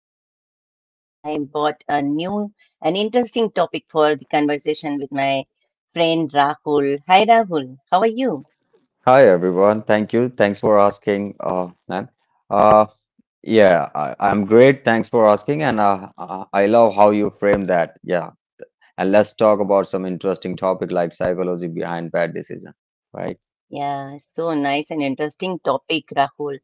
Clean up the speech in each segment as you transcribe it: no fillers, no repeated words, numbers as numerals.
Seema, and once again I am brought a new and interesting topic for the conversation with my friend Rahul. Hi Rahul, how are you? Hi everyone. Thank you. Thanks for asking, ma'am. Uh, yeah, I'm great. Thanks for asking, and I love how you frame that. Yeah, and let's talk about some interesting topic like psychology behind bad decision, right? Yeah, so nice and interesting topic, Rahul.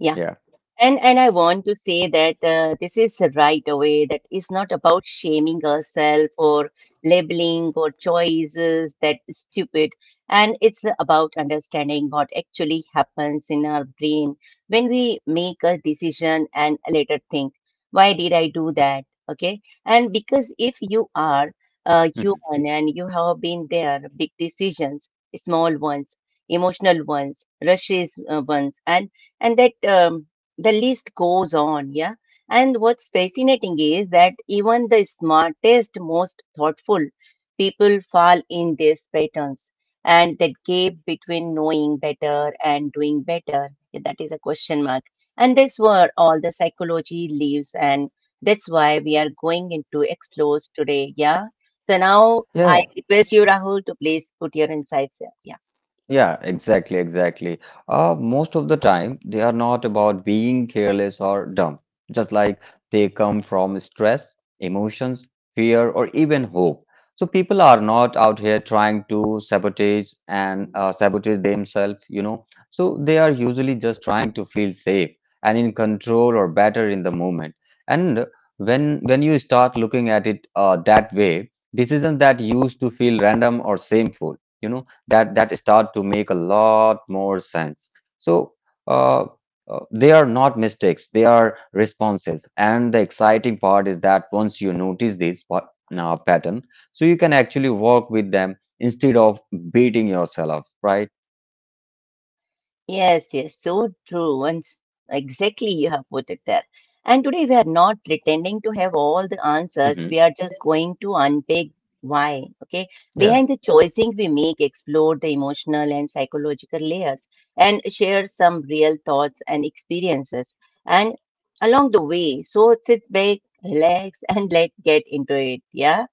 Yeah, Yeah. and I want to say that this is right away. That is not about shaming ourselves or labeling or choices that is stupid. And it's about understanding what actually happens in our brain when we make a decision and later think, why did I do that? Okay. And because if you are human and you have been there, big decisions, small ones, emotional ones, rushes ones, and that. The list goes on, yeah. And what's fascinating is that even the smartest, most thoughtful people fall in these patterns. And that gap between knowing better and doing better, yeah, that is a question mark. And that's where all the psychology lives, and that's why we are going into explores today, yeah. So now Yeah. I request you, Rahul, to please put your insights here, yeah. Yeah, exactly, exactly. Most of the time, they are not about being careless or dumb, just like they come from stress, emotions, fear, or even hope. So people are not out here trying to sabotage and sabotage themselves, you know. So they are usually just trying to feel safe and in control or better in the moment. And when you start looking at it that way, decisions that used to feel random or shameful, you know that start to make a lot more sense, so uh, they are not mistakes, they are responses. And the exciting part is that once you notice this pa- now pattern, so you can actually work with them instead of beating yourself up, right? Yes, yes, so true. And exactly, you have put it there. And today we are not pretending to have all the answers. We Hmm. are just going to unpack why, okay? Behind Yeah. the choicing we make, explore the emotional and psychological layers and share some real thoughts and experiences. And along the way, so sit back, relax, and let's get into it. Yeah.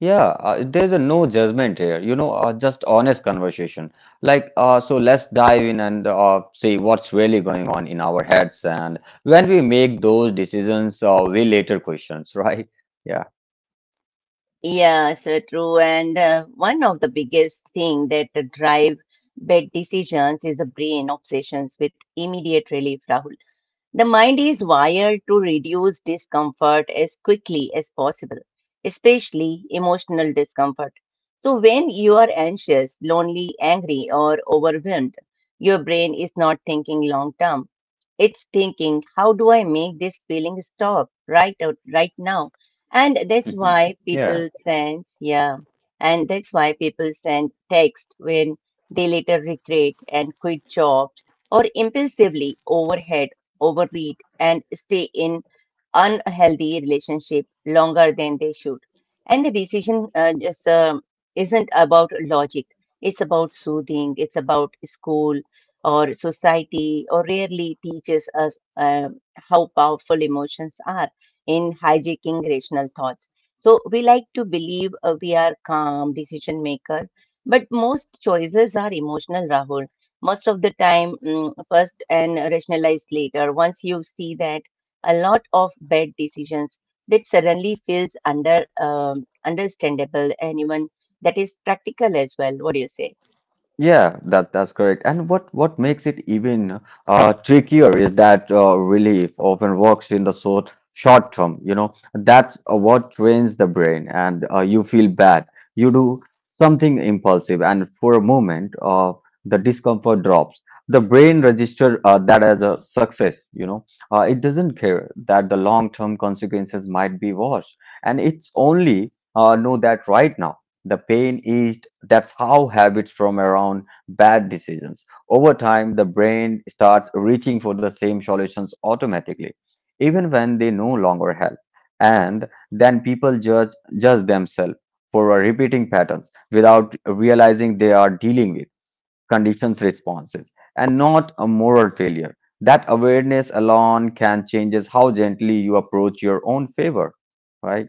Yeah, there's a no judgment here, just honest conversation. So let's dive in and see what's really going on in our heads. And when we make those decisions, we later questions, right? Yeah. Yeah, so true. And one of the biggest thing that drive bad decisions is the brain obsessions with immediate relief, Rahul. The mind is wired to reduce discomfort as quickly as possible, especially emotional discomfort. So, when you are anxious, lonely, angry, or overwhelmed, your brain is not thinking long term. It's thinking, how do I make this feeling stop right out, right now? And that's Mhm. why Yeah. people send, yeah, and that's why people send text when they later regret and quit jobs or impulsively overhead, overread, and stay in unhealthy relationship longer than they should. And the decision just isn't about logic. It's about soothing. It's about school or society, or rarely teaches us how powerful emotions are in hijacking rational thoughts. So we like to believe we are calm decision maker, but most choices are emotional, Rahul. Most of the time, first and rationalized later. Once you see that a lot of bad decisions that suddenly feels under understandable and even that is practical as well. What do you say? Yeah, that's correct. And what makes it even trickier is that relief often works in the short term. You know, that's what trains the brain, and you feel bad. You do something impulsive, and for a moment, the discomfort drops. The brain registers that as a success. You know, it doesn't care that the long term consequences might be worse, and it's only know that right now. The pain eased. That's how habits from around bad decisions. Over time, the brain starts reaching for the same solutions automatically, even when they no longer help. And then people judge themselves for repeating patterns without realizing they are dealing with conditions responses and not a moral failure. That awareness alone can changes how gently you approach your own favor, right?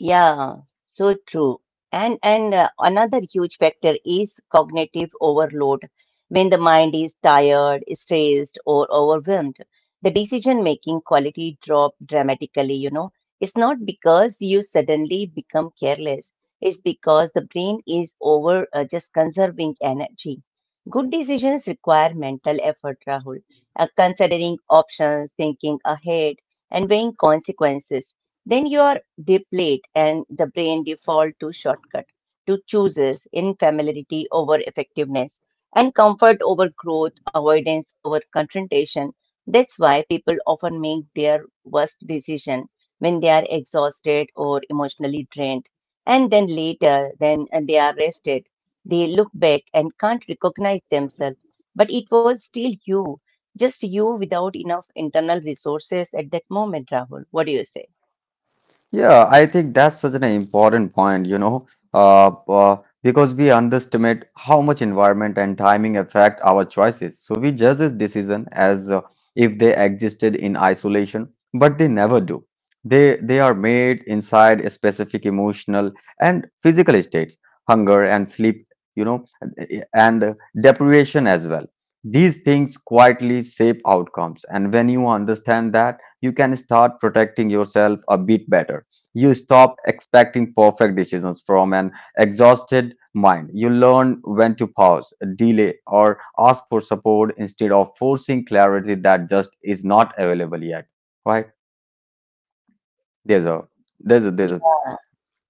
Yeah, so true. And another huge factor is cognitive overload. When the mind is tired, stressed, or overwhelmed, the decision-making quality drop dramatically, you know. It's not because you suddenly become careless. It's because the brain is over just conserving energy. Good decisions require mental effort, Rahul. Considering options, thinking ahead, and weighing consequences. Then you are they played, and the brain default to shortcut, to chooses in familiarity over effectiveness, and comfort over growth, avoidance over confrontation. That's why people often make their worst decision when they are exhausted or emotionally drained, and then later, when they are rested, they look back and can't recognize themselves. But it was still you, just you, without enough internal resources at that moment, Rahul. What do you say? Yeah, I think that's such an important point, uh, uh, because we underestimate how much environment and timing affect our choices. So we judge this decision as if they existed in isolation, but they never do. They are made inside a specific emotional and physical states, hunger and sleep, you know, and deprivation as well. These things quietly shape outcomes, and when you understand that, you can start protecting yourself a bit better. You stop expecting perfect decisions from an exhausted mind. You learn when to pause, delay, or ask for support instead of forcing clarity that just is not available yet. Right? There's a, there's a, there's a, Yeah.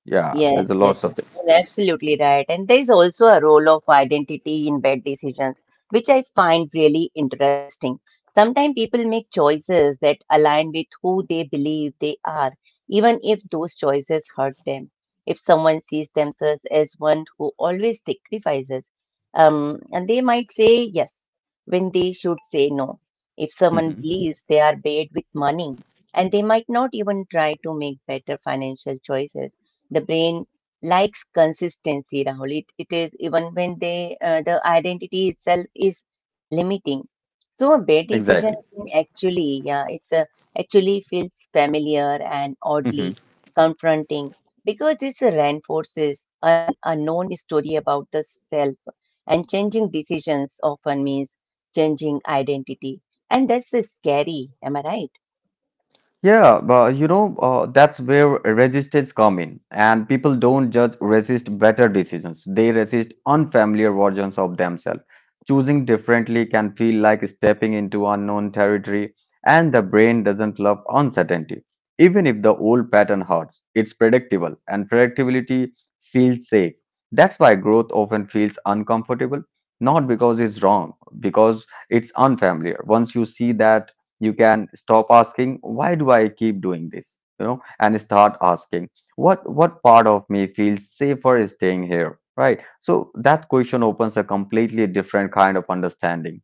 yeah, there's Yes, a yes, lot of it. you're absolutely right. And there is also a role of identity in bad decisions, which I find really interesting. Sometimes people make choices that align with who they believe they are even if those choices hurt them. If someone sees themselves as one who always sacrifices, and they might say yes when they should say no. If someone Mhm. believes they are paid with money, and they might not even try to make better financial choices, the brain likes consistency, Rahul. It is even when they the identity itself is limiting, so a bad decision Exactly. can actually, actually feels familiar and Mhm. oddly confronting because this reinforces an unknown story about the self, and changing decisions often means changing identity. And that's scary, am I right? Yeah, but that's where resistance come in, and people don't judge resist better decisions. They resist unfamiliar versions of themselves. Choosing differently can feel like stepping into unknown territory, and the brain doesn't love uncertainty. Even if the old pattern hurts, it's predictable, and predictability feels safe. That's why growth often feels uncomfortable, not because it's wrong, because it's unfamiliar. Once you see that, you can stop asking why do I keep doing this, and start asking what part of me feels safer staying here, right? So that question opens a completely different kind of understanding.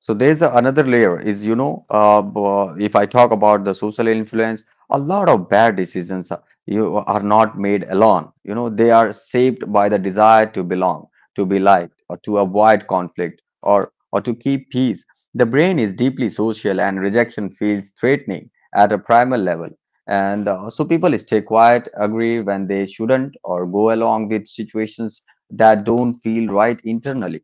So another layer is, if I talk about the social influence, a lot of bad decisions are, you are not made alone. You know, they are shaped by the desire to belong, to be liked, or to avoid conflict, or to keep peace. The brain is deeply social, and rejection feels threatening at a primal level. And so people stay quiet, agree when they shouldn't, or go along with situations that don't feel right internally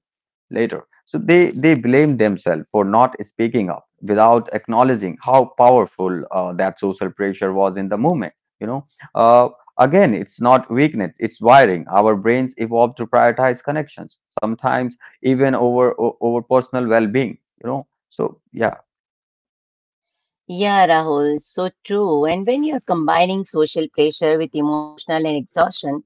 later. So they blame themselves for not speaking up without acknowledging how powerful that social pressure was in the movement. You know, uh, again, it's not weakness; it's wiring. Our brains evolved to prioritize connections, sometimes even over personal well-being. You know, so yeah. Yeah, Rahul, so true. And when you're combining social pressure with emotional and exhaustion,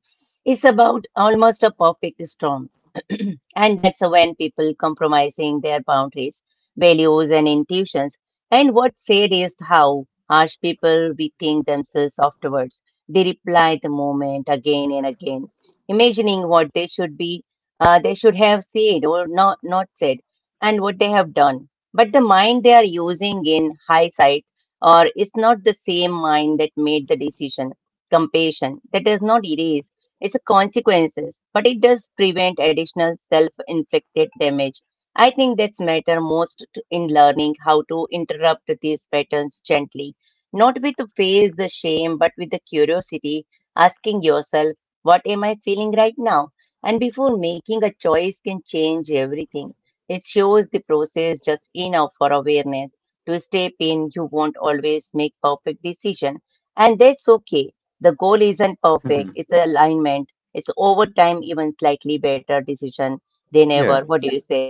it's about almost a perfect storm. And that's when people compromising their boundaries, values, and intuitions. And what's sad is how harsh people we think themselves afterwards. They reply the moment again and again, imagining what they should be, they should have said or not said, and what they have done, but the mind they are using in hindsight, or it's not the same mind that made the decision. Compassion that does not erase its consequences, but it does prevent additional self-inflicted damage. I think that's matter most in learning how to interrupt these patterns gently, not with the face the shame but with the curiosity, asking yourself, what am I feeling right now? And before making a choice can change everything. It shows the process just enough for awareness to step in. You won't always make perfect decision, and that's okay. The goal isn't perfect; Mhm. it's an alignment. It's over time, even slightly better decision than ever. Yeah. What do you say?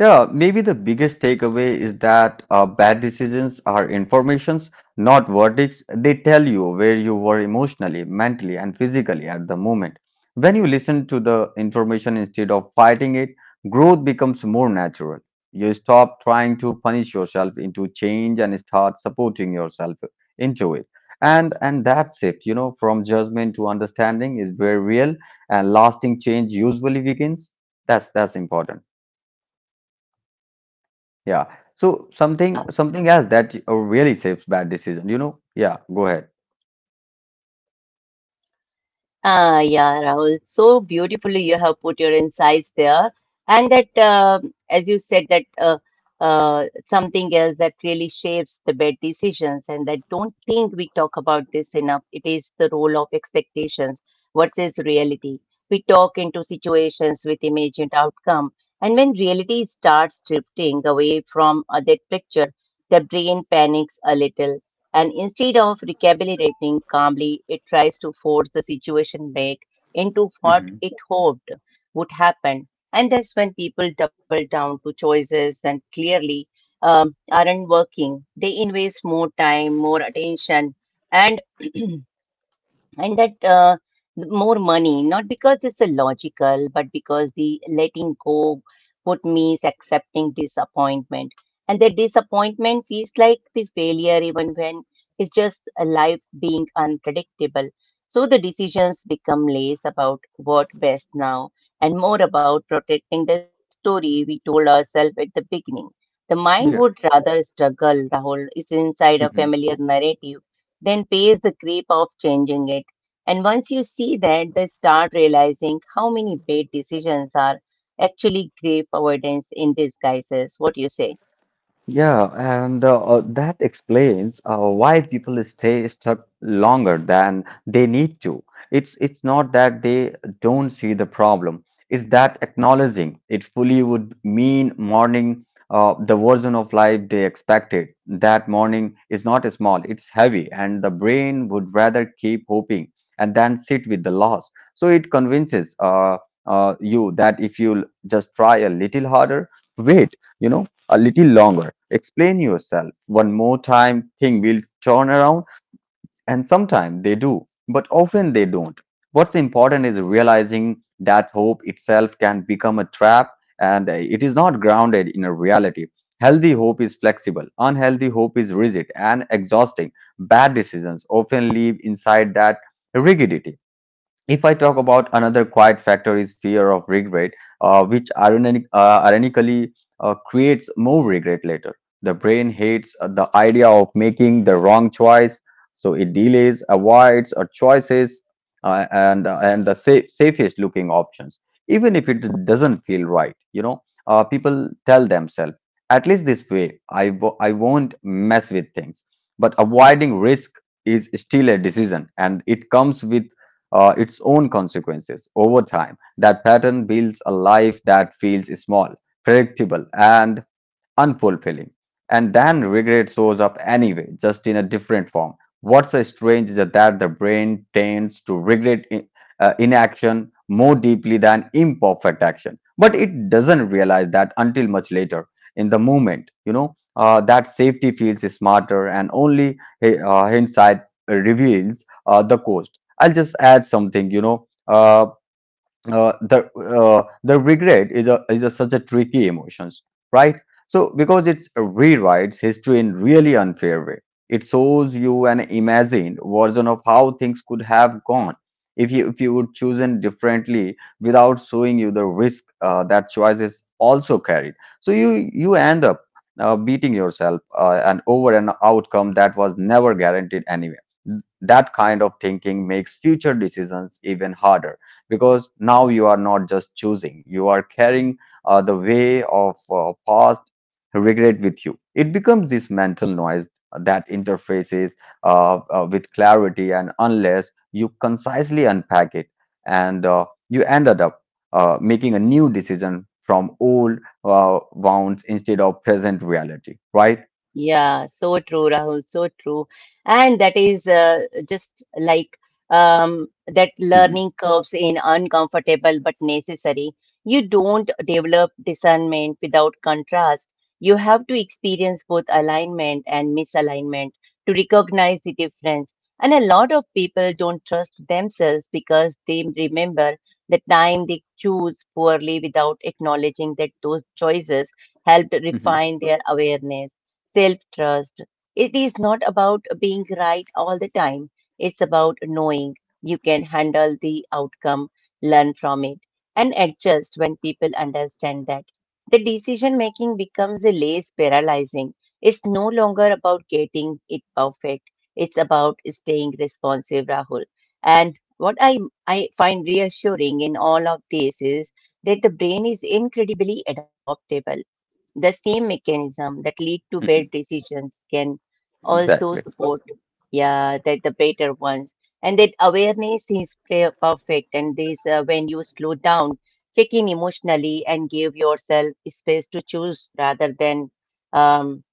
Yeah, maybe the biggest takeaway is that bad decisions are informations, not verdicts. They tell you where you were emotionally, mentally, and physically at the moment. When you listen to the information instead of fighting it, growth becomes more natural. You stop trying to punish yourself into change and start supporting yourself into it. And that shift, you know, from judgment to understanding is very real, and lasting change usually begins. That's important. Yeah. So Yeah. something else that really shapes bad decision, you know? Yeah, go ahead. Ah, yeah, Rahul. So beautifully you have put your insights there. And that, uh, as you said, that something else that really shapes the bad decisions, and that don't think we talk about this enough. It is the role of expectations versus reality. We talk into situations with imagined outcome, and when reality starts drifting away from that picture, the brain panics a little, and instead of recapitulating calmly, it tries to force the situation back into what Hmm. it hoped would happen. And that's when people double down to choices that clearly aren't working. They invest more time, more attention, and and that uh, more money, not because it's a logical, but because the letting go put means accepting disappointment, and that disappointment feels like the failure, even when it's just a life being unpredictable. So the decisions become less about what best now and more about protecting the story we told ourselves at the beginning. The mind Yeah. would rather struggle, Rahul, is inside a familiar narrative then pays the creep of changing it, and once you see that, they start realizing how many bad decisions are actually grave avoidance in disguises. What do you say? Yeah, and that explains why people stay stuck longer than they need to. It's not that they don't see the problem. It's that acknowledging it fully would mean mourning the version of life they expected. That mourning is not small, it's heavy, and the brain would rather keep hoping and then sit with the loss. So it convinces you that if you just try a little harder, wait, you know, a little longer, explain yourself one more time, thing will turn around, and sometimes they do, but often they don't. What's important is realizing that hope itself can become a trap, and it is not grounded in a reality. Healthy hope is flexible, unhealthy hope is rigid and exhausting. Bad decisions often live inside that rigidity. If I talk about another quiet factor is fear of regret, ironically creates more regret later. The brain hates the idea of making the wrong choice, so it delays, avoids, or choices and the safest looking options, even if it doesn't feel right. People tell themselves, at least this way, I won't mess with things. But avoiding risk is still a decision, and it comes with its own consequences. Over time, that pattern builds a life that feels small, predictable, and unfulfilling, and then regret shows up anyway, just in a different form. What's so strange is that the brain tends to regret inaction more deeply than imperfect action, but it doesn't realize that until much later. In the moment, that safety feels smarter, and only hindsight reveals the cost. I'll just add something, you know. Uh, the the regret is a such a tricky emotions, right? So because it rewrites history in really unfair way. It shows you an imagined version of how things could have gone if you would chosen differently without showing you the risk that choice is also carried. So you end up beating yourself and over an outcome that was never guaranteed anyway. That kind of thinking makes future decisions even harder, because now you are not just choosing, you are carrying the way of past regret with you. It becomes this mental noise that interfaces with clarity, and unless you concisely unpack it and you ended up making a new decision from old wounds instead of present reality, right? Yeah, so true, Rahul, so true. And that is just like um, that Mhm. learning curves in uncomfortable but necessary. You don't develop discernment without contrast. You have to experience both alignment and misalignment to recognize the difference. And a lot of people don't trust themselves because they remember the time they choose poorly without acknowledging that those choices helped Mhm. refine their awareness self trust. It is not about being right all the time, it's about knowing you can handle the outcome, learn from it, and adjust when people understand that. The decision making becomes a less paralyzing. It's no longer about getting it perfect, it's about staying responsive, Rahul. And what I, I find reassuring in all of this is that the brain is incredibly adaptable. The same mechanism that lead to bad Mhm. decisions can also Exactly. support, yeah, that the better ones. And that awareness is perfect. And this, when you slow down, check in emotionally and give yourself space to choose rather than, um,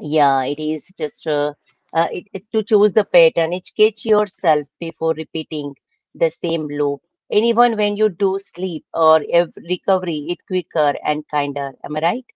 yeah, it is just it, it- to choose the pattern. It's catch yourself before repeating the same loop. And even when you do sleep or recovery, it quicker and kinder. Am I right?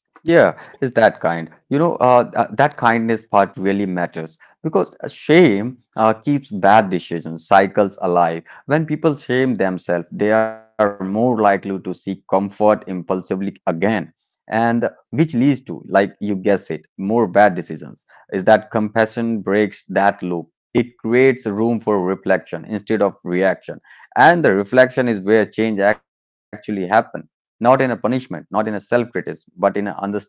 Yeah, is that kind. That kindness part really matters because shame keeps bad decisions, cycles alive. When people shame themselves, they are more likely to seek comfort impulsively again, and which leads to, like you guess it, more bad decisions. Is that compassion breaks that loop. It creates room for reflection instead of reaction, and the reflection is where change actually happens, not in a punishment, not in a self-criticism, but in an understanding.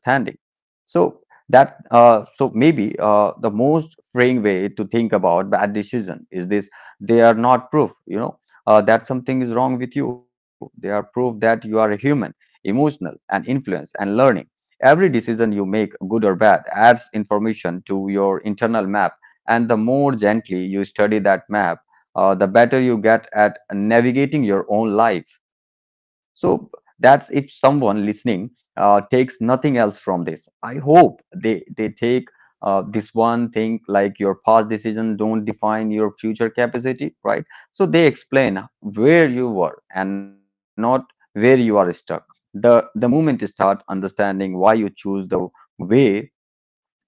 So that so maybe the most freeing way to think about bad decision is this: they are not proof, that something is wrong with you. They are proof that you are a human, emotional, and influenced and learning. Every decision you make, good or bad, adds information to your internal map. And the more gently you study that map, the better you get at navigating your own life. So that's if someone listening takes nothing else from this. I hope they take this one thing, like your past decision don't define your future capacity, right? So they explain where you were and not where you are stuck. The moment you start understanding why you choose the way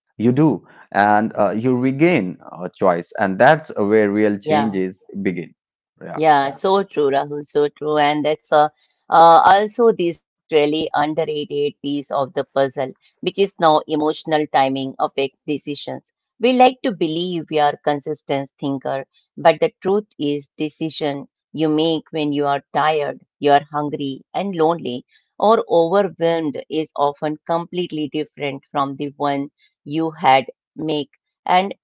you do, and you regain choice, and that's where real Yeah, changes begin. Yeah. yeah, so true, Rahul, so true. And that's also this really underrated piece of the puzzle, which is now emotional timing affect decisions. We like to believe we are consistent thinker, but the truth is decision you make when you are tired, you are hungry and lonely or overwhelmed is often completely different from the one you had make. And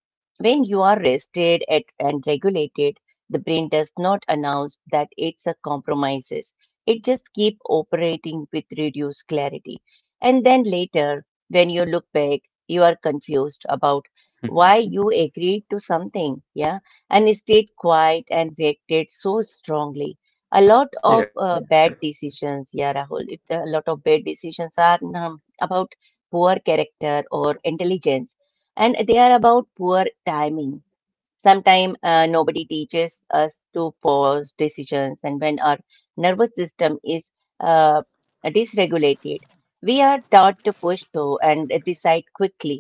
when you are rested at, and regulated, the brain does not announce that it's a compromises. It just keep operating with reduced clarity. And then later, when you look back, you are confused about Mhm. why you agreed to something, yeah, and stayed quiet and reacted so strongly. A lot of Yeah. Bad decisions, yeah, Rahul. It, a lot of bad decisions are about poor character or intelligence, and they are about poor timing. Sometimes nobody teaches us to pause decisions, and when our nervous system is uh, dysregulated, we are taught to push through and decide quickly,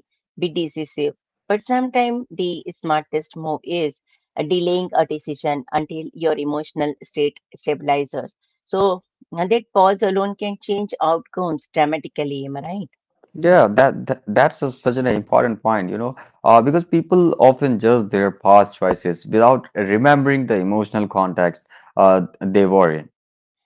be decisive. But sometimes the smartest move is delaying a decision until your emotional state stabilizes. So that pause alone can change outcomes dramatically. Am I right? Yeah, such an important point, because people often judge their past choices without remembering the emotional context they were in.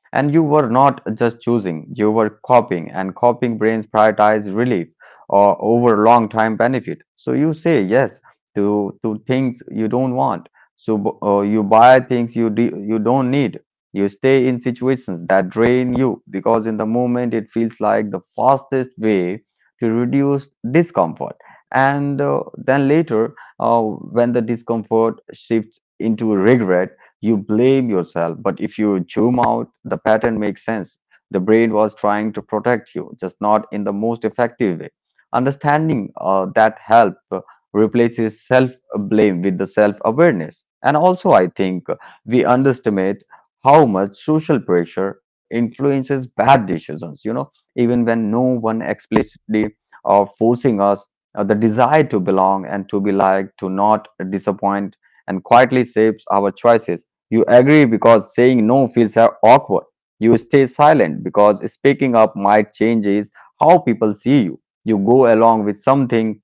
And you were not just choosing, you were copying, and copying brains prioritize relief or over long-term benefit. So you say yes to things you don't want. So you buy things you don't need. You stay in situations that drain you because in the moment it feels like the fastest way to reduce discomfort. And then later, when the discomfort shifts into regret, you blame yourself. But if you zoom out, the pattern makes sense. The brain was trying to protect you, just not in the most effective way. Understanding that help replaces self blame with the self awareness. And also, I think we underestimate how much social pressure influences bad decisions. You know, even when no one explicitly or forcing us, the desire to belong and to be liked, to not disappoint, and quietly shapes our choices. You agree because saying no feels awkward. You stay silent because speaking up might changes how people see you. You go along with something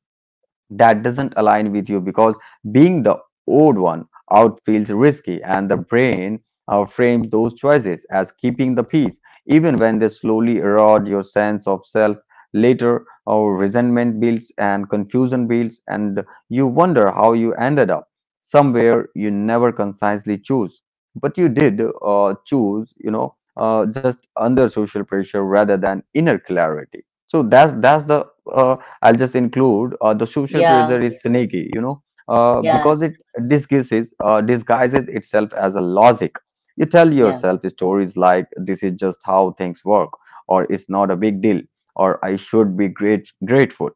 that doesn't align with you because being the odd one out feels risky, and the brain frames those choices as keeping the peace even when they slowly erode your sense of self later, or resentment builds and confusion builds, and you wonder how you ended up somewhere you never consciously choose, but you did choose, just under social pressure rather than inner clarity. So that's the uh, I'll just include, the social pressure Yeah. is sneaky, you know, because Yes. it disguises itself as a logic. You tell Yeah. yourself stories like this is just how things work, or it's not a big deal, or I should be great grateful.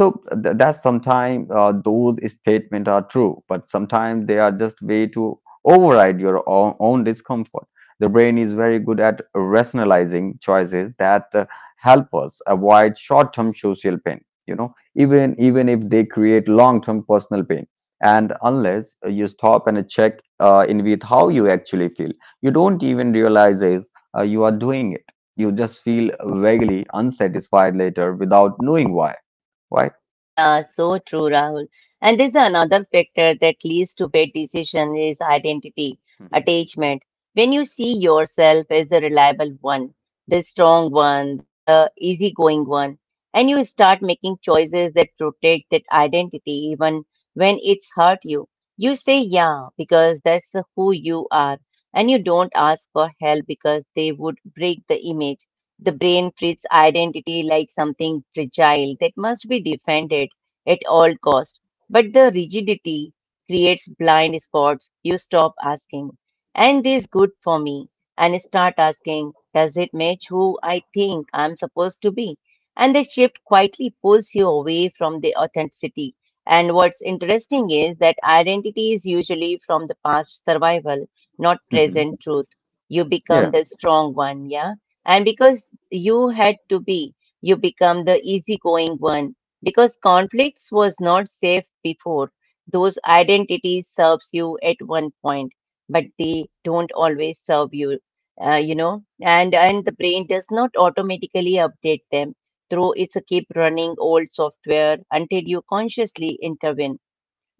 So th- that's sometimes those statements are true, but sometimes they are just way to override your own discomfort. The brain is very good at rationalizing choices that help us avoid short-term social pain, you know, even if they create long-term personal pain, and unless you stop and check in with how you actually feel, you don't even realize is you are doing it. You just feel vaguely unsatisfied later without knowing why, right? Yeah, so true, Rahul. And there's another factor that leads to bad decision is identity, attachment. When you see yourself as the reliable one, the strong one, the easygoing one, and you start making choices that protect that identity even when it's hurt you, you say yeah because that's who you are, and you don't ask for help because they would break the image. The brain treats identity like something fragile that must be defended at all cost. But the rigidity creates blind spots. You stop asking, and this good for me? And start asking, does it match who I think I'm supposed to be? And the shift quietly pulls you away from the authenticity. And what's interesting is that identity is usually from the past survival, not hmm present truth. You become yeah the strong one, yeah? And because you had to be, you become the easygoing one. Because conflicts was not safe before. Those identities serves you at one point, but they don't always serve you, you know. And the brain does not automatically update them through its keep running old software until you consciously intervene.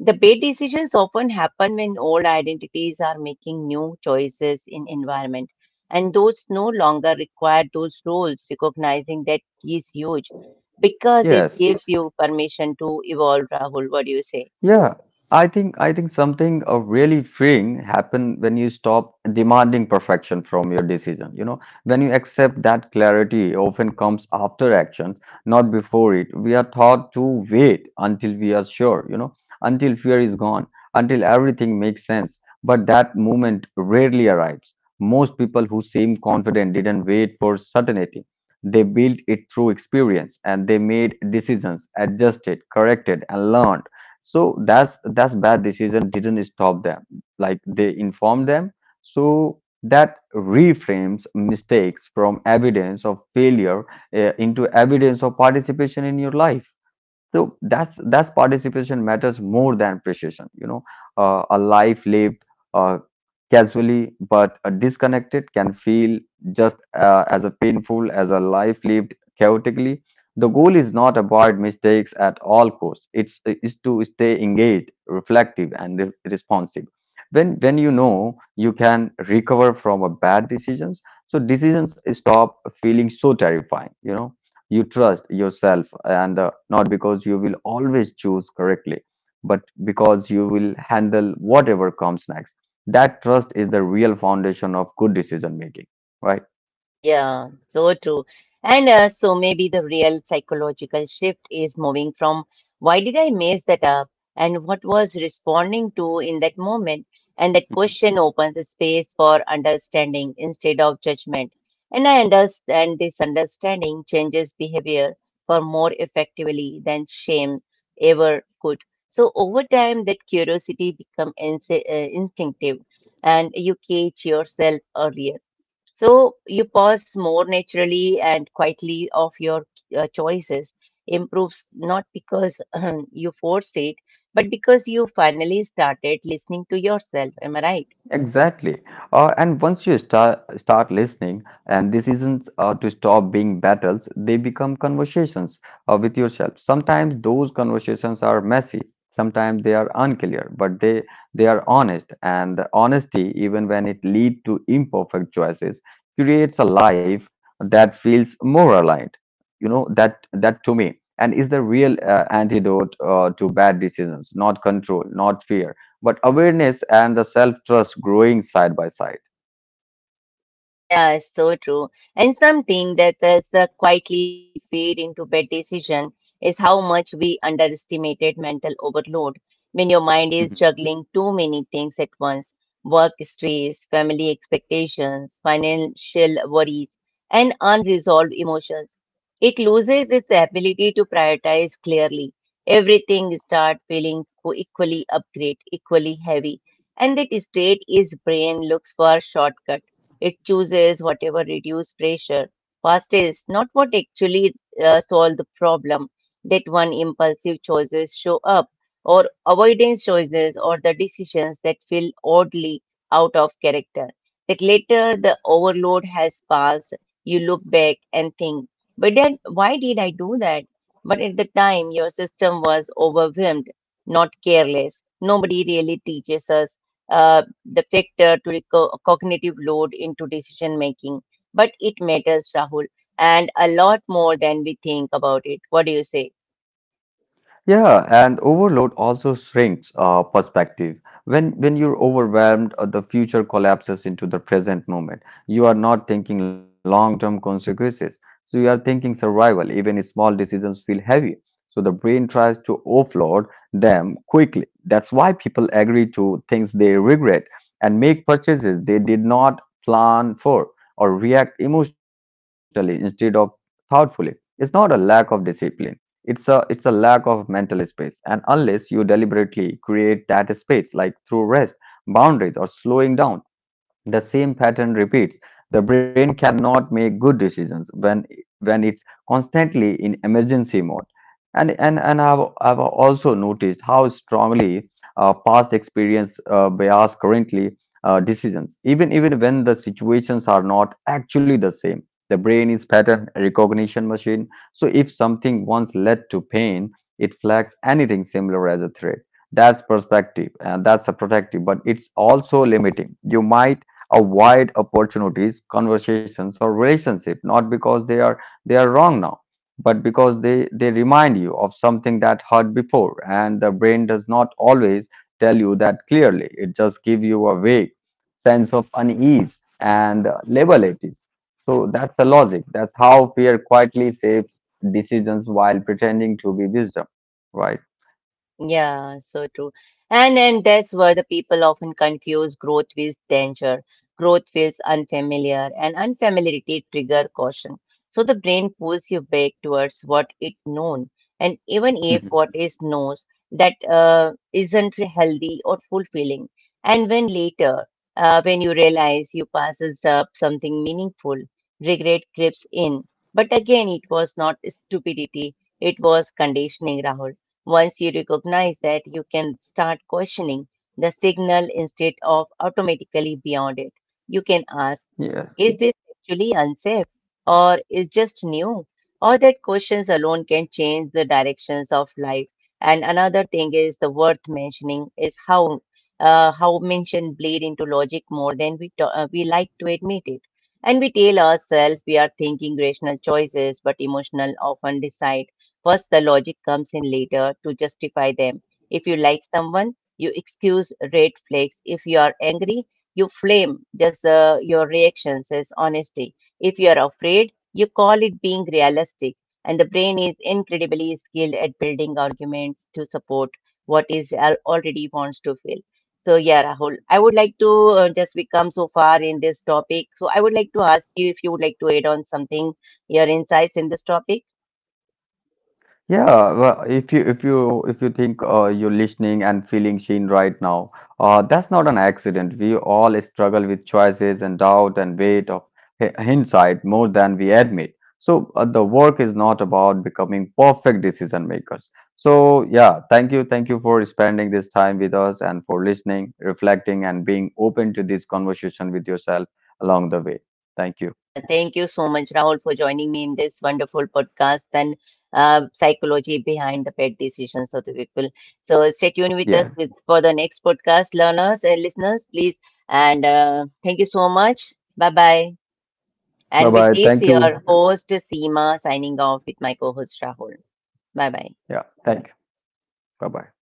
The bad decisions often happen when old identities are making new choices in environment and those no longer require those roles, recognizing that is huge because it yes gives you permission to evolve, Rahul. What do you say? Yeah, I think something really freeing happen when you stop demanding perfection from your decision. You know, when you accept that clarity often comes after action, not before it. We are taught to wait until we are sure, you know, until fear is gone, until everything makes sense. But that moment rarely arrives. Most people who seem confident didn't wait for certainty. They built it through experience, and they made decisions, adjusted, corrected, and learned. So that's Bad decision didn't stop them, like they informed them, so that reframes mistakes from evidence of failure into evidence of participation in your life. So that's Participation matters more than precision. You know, a life lived uh, casually but disconnected can feel just as a painful as a life lived chaotically. The goal is not avoid mistakes at all costs. It's is to stay engaged, reflective, and responsive. When you know you can recover from a bad decisions, so decisions stop feeling so terrifying. You know you trust yourself, and not because you will always choose correctly, but because you will handle whatever comes next. That trust is the real foundation of good decision making, right? Yeah, so true. And so maybe the real psychological shift is moving from why did I mess that up and what was responding to in that moment. And that question opens a space for understanding instead of judgment. And I understand this understanding changes behavior for more effectively than shame ever could. So over time, that curiosity becomes instinctive and you catch yourself earlier. So you pause more naturally and quietly of your choices improves not because you forced it, but because you finally started listening to yourself. Am I right? Exactly. And once you start listening, and decisions to stop being battles, they become conversations with yourself. Sometimes those conversations are messy. Sometimes they are unclear, but they are honest. And the honesty, even when it lead to imperfect choices, creates a life that feels more aligned. You know that that to me, and is the real antidote to bad decisions. Not control, not fear, but awareness and the self trust growing side by side. Yeah, it's so true. And something that is the quietly fade into bad decision is how much we underestimated mental overload. When your mind is Mhm. juggling too many things at once, work stress, family expectations, financial worries, and unresolved emotions, it loses its ability to prioritize clearly. Everything starts feeling equally upgrade, equally heavy, and that state is brain looks for shortcuts it chooses whatever reduce pressure. Fast is not what actually solve the problem. That one impulsive choices show up, or avoidance choices, or the decisions that feel oddly out of character. That later the overload has passed, you look back and think, but then why did I do that? But at the time, your system was overwhelmed, not careless. Nobody really teaches us the factor to the cognitive load into decision making. But it matters, Rahul, and a lot more than we think about it. What do you say? Yeah, and overload also shrinks perspective. When you're overwhelmed, the future collapses into the present moment. You are not thinking long-term consequences, so you are thinking survival. Even small decisions feel heavy, so the brain tries to offload them quickly. That's why people agree to things they regret and make purchases they did not plan for, or react emotionally instead of thoughtfully. It's not a lack of discipline, it's a lack of mental space, and unless you deliberately create that space, like through rest, boundaries, or slowing down, the same pattern repeats. The brain cannot make good decisions when it's constantly in emergency mode. And I've also noticed how strongly past experience bias currently decisions. Even when the situations are not actually the same, the brain is pattern recognition machine. So if something once led to pain, it flags anything similar as a threat. That's perspective, and that's a protective, but it's also limiting. You might avoid opportunities, conversations, or relationship, not because they are wrong now, but because they remind you of something that hurt before, and the brain does not always tell you that clearly. It just gives you a vague sense of unease and label it is. So that's the logic. That's how fear quietly shapes decisions while pretending to be wisdom, right? Yeah, so true. And that's where the people often confuse growth with danger. Growth feels unfamiliar, and unfamiliarity trigger caution. So the brain pulls you back towards what it known. And even if Mhm. what is knows that isn't healthy or fulfilling. And when later, when you realize you passes up something meaningful, regret creeps in. But again, it was not stupidity, it was conditioning, Rahul. Once you recognize that, you can start questioning the signal instead of automatically beyond it. You can ask, Yes. is this actually unsafe or is just new? Or that questions alone can change the directions of life. And another thing is the worth mentioning is how mention bleed into logic more than we we like to admit it. And we tell ourselves we are thinking rational choices, but emotional often decide First, the logic comes in later to justify them. If you like someone, you excuse red flags. If you are angry, you flame just your reactions as honesty. If you are afraid, you call it being realistic. And the brain is incredibly skilled at building arguments to support what is already wants to feel. So yeah, Rahul, I would like to just we come so far in this topic. So I would like to ask you if you would like to add on something, your insights in this topic. Yeah, well, if you think you're listening and feeling seen right now, that's not an accident. We all struggle with choices and doubt and weight of hindsight more than we admit. So the work is not about becoming perfect decision makers. So yeah, thank you, for spending this time with us and for listening, reflecting, and being open to this conversation with yourself along the way. Thank you. Yeah, thank you so much, Rahul, for joining me in this wonderful podcast and psychology behind the pet decisions of the people. So stay tuned with Yeah. us with, for the next podcast, learners and listeners, please. And thank you so much. Bye bye. Bye And with bye. this, Thank you. your host, Seema, signing off with my co host, Rahul. Bye bye. Yeah. Thank you. Bye bye.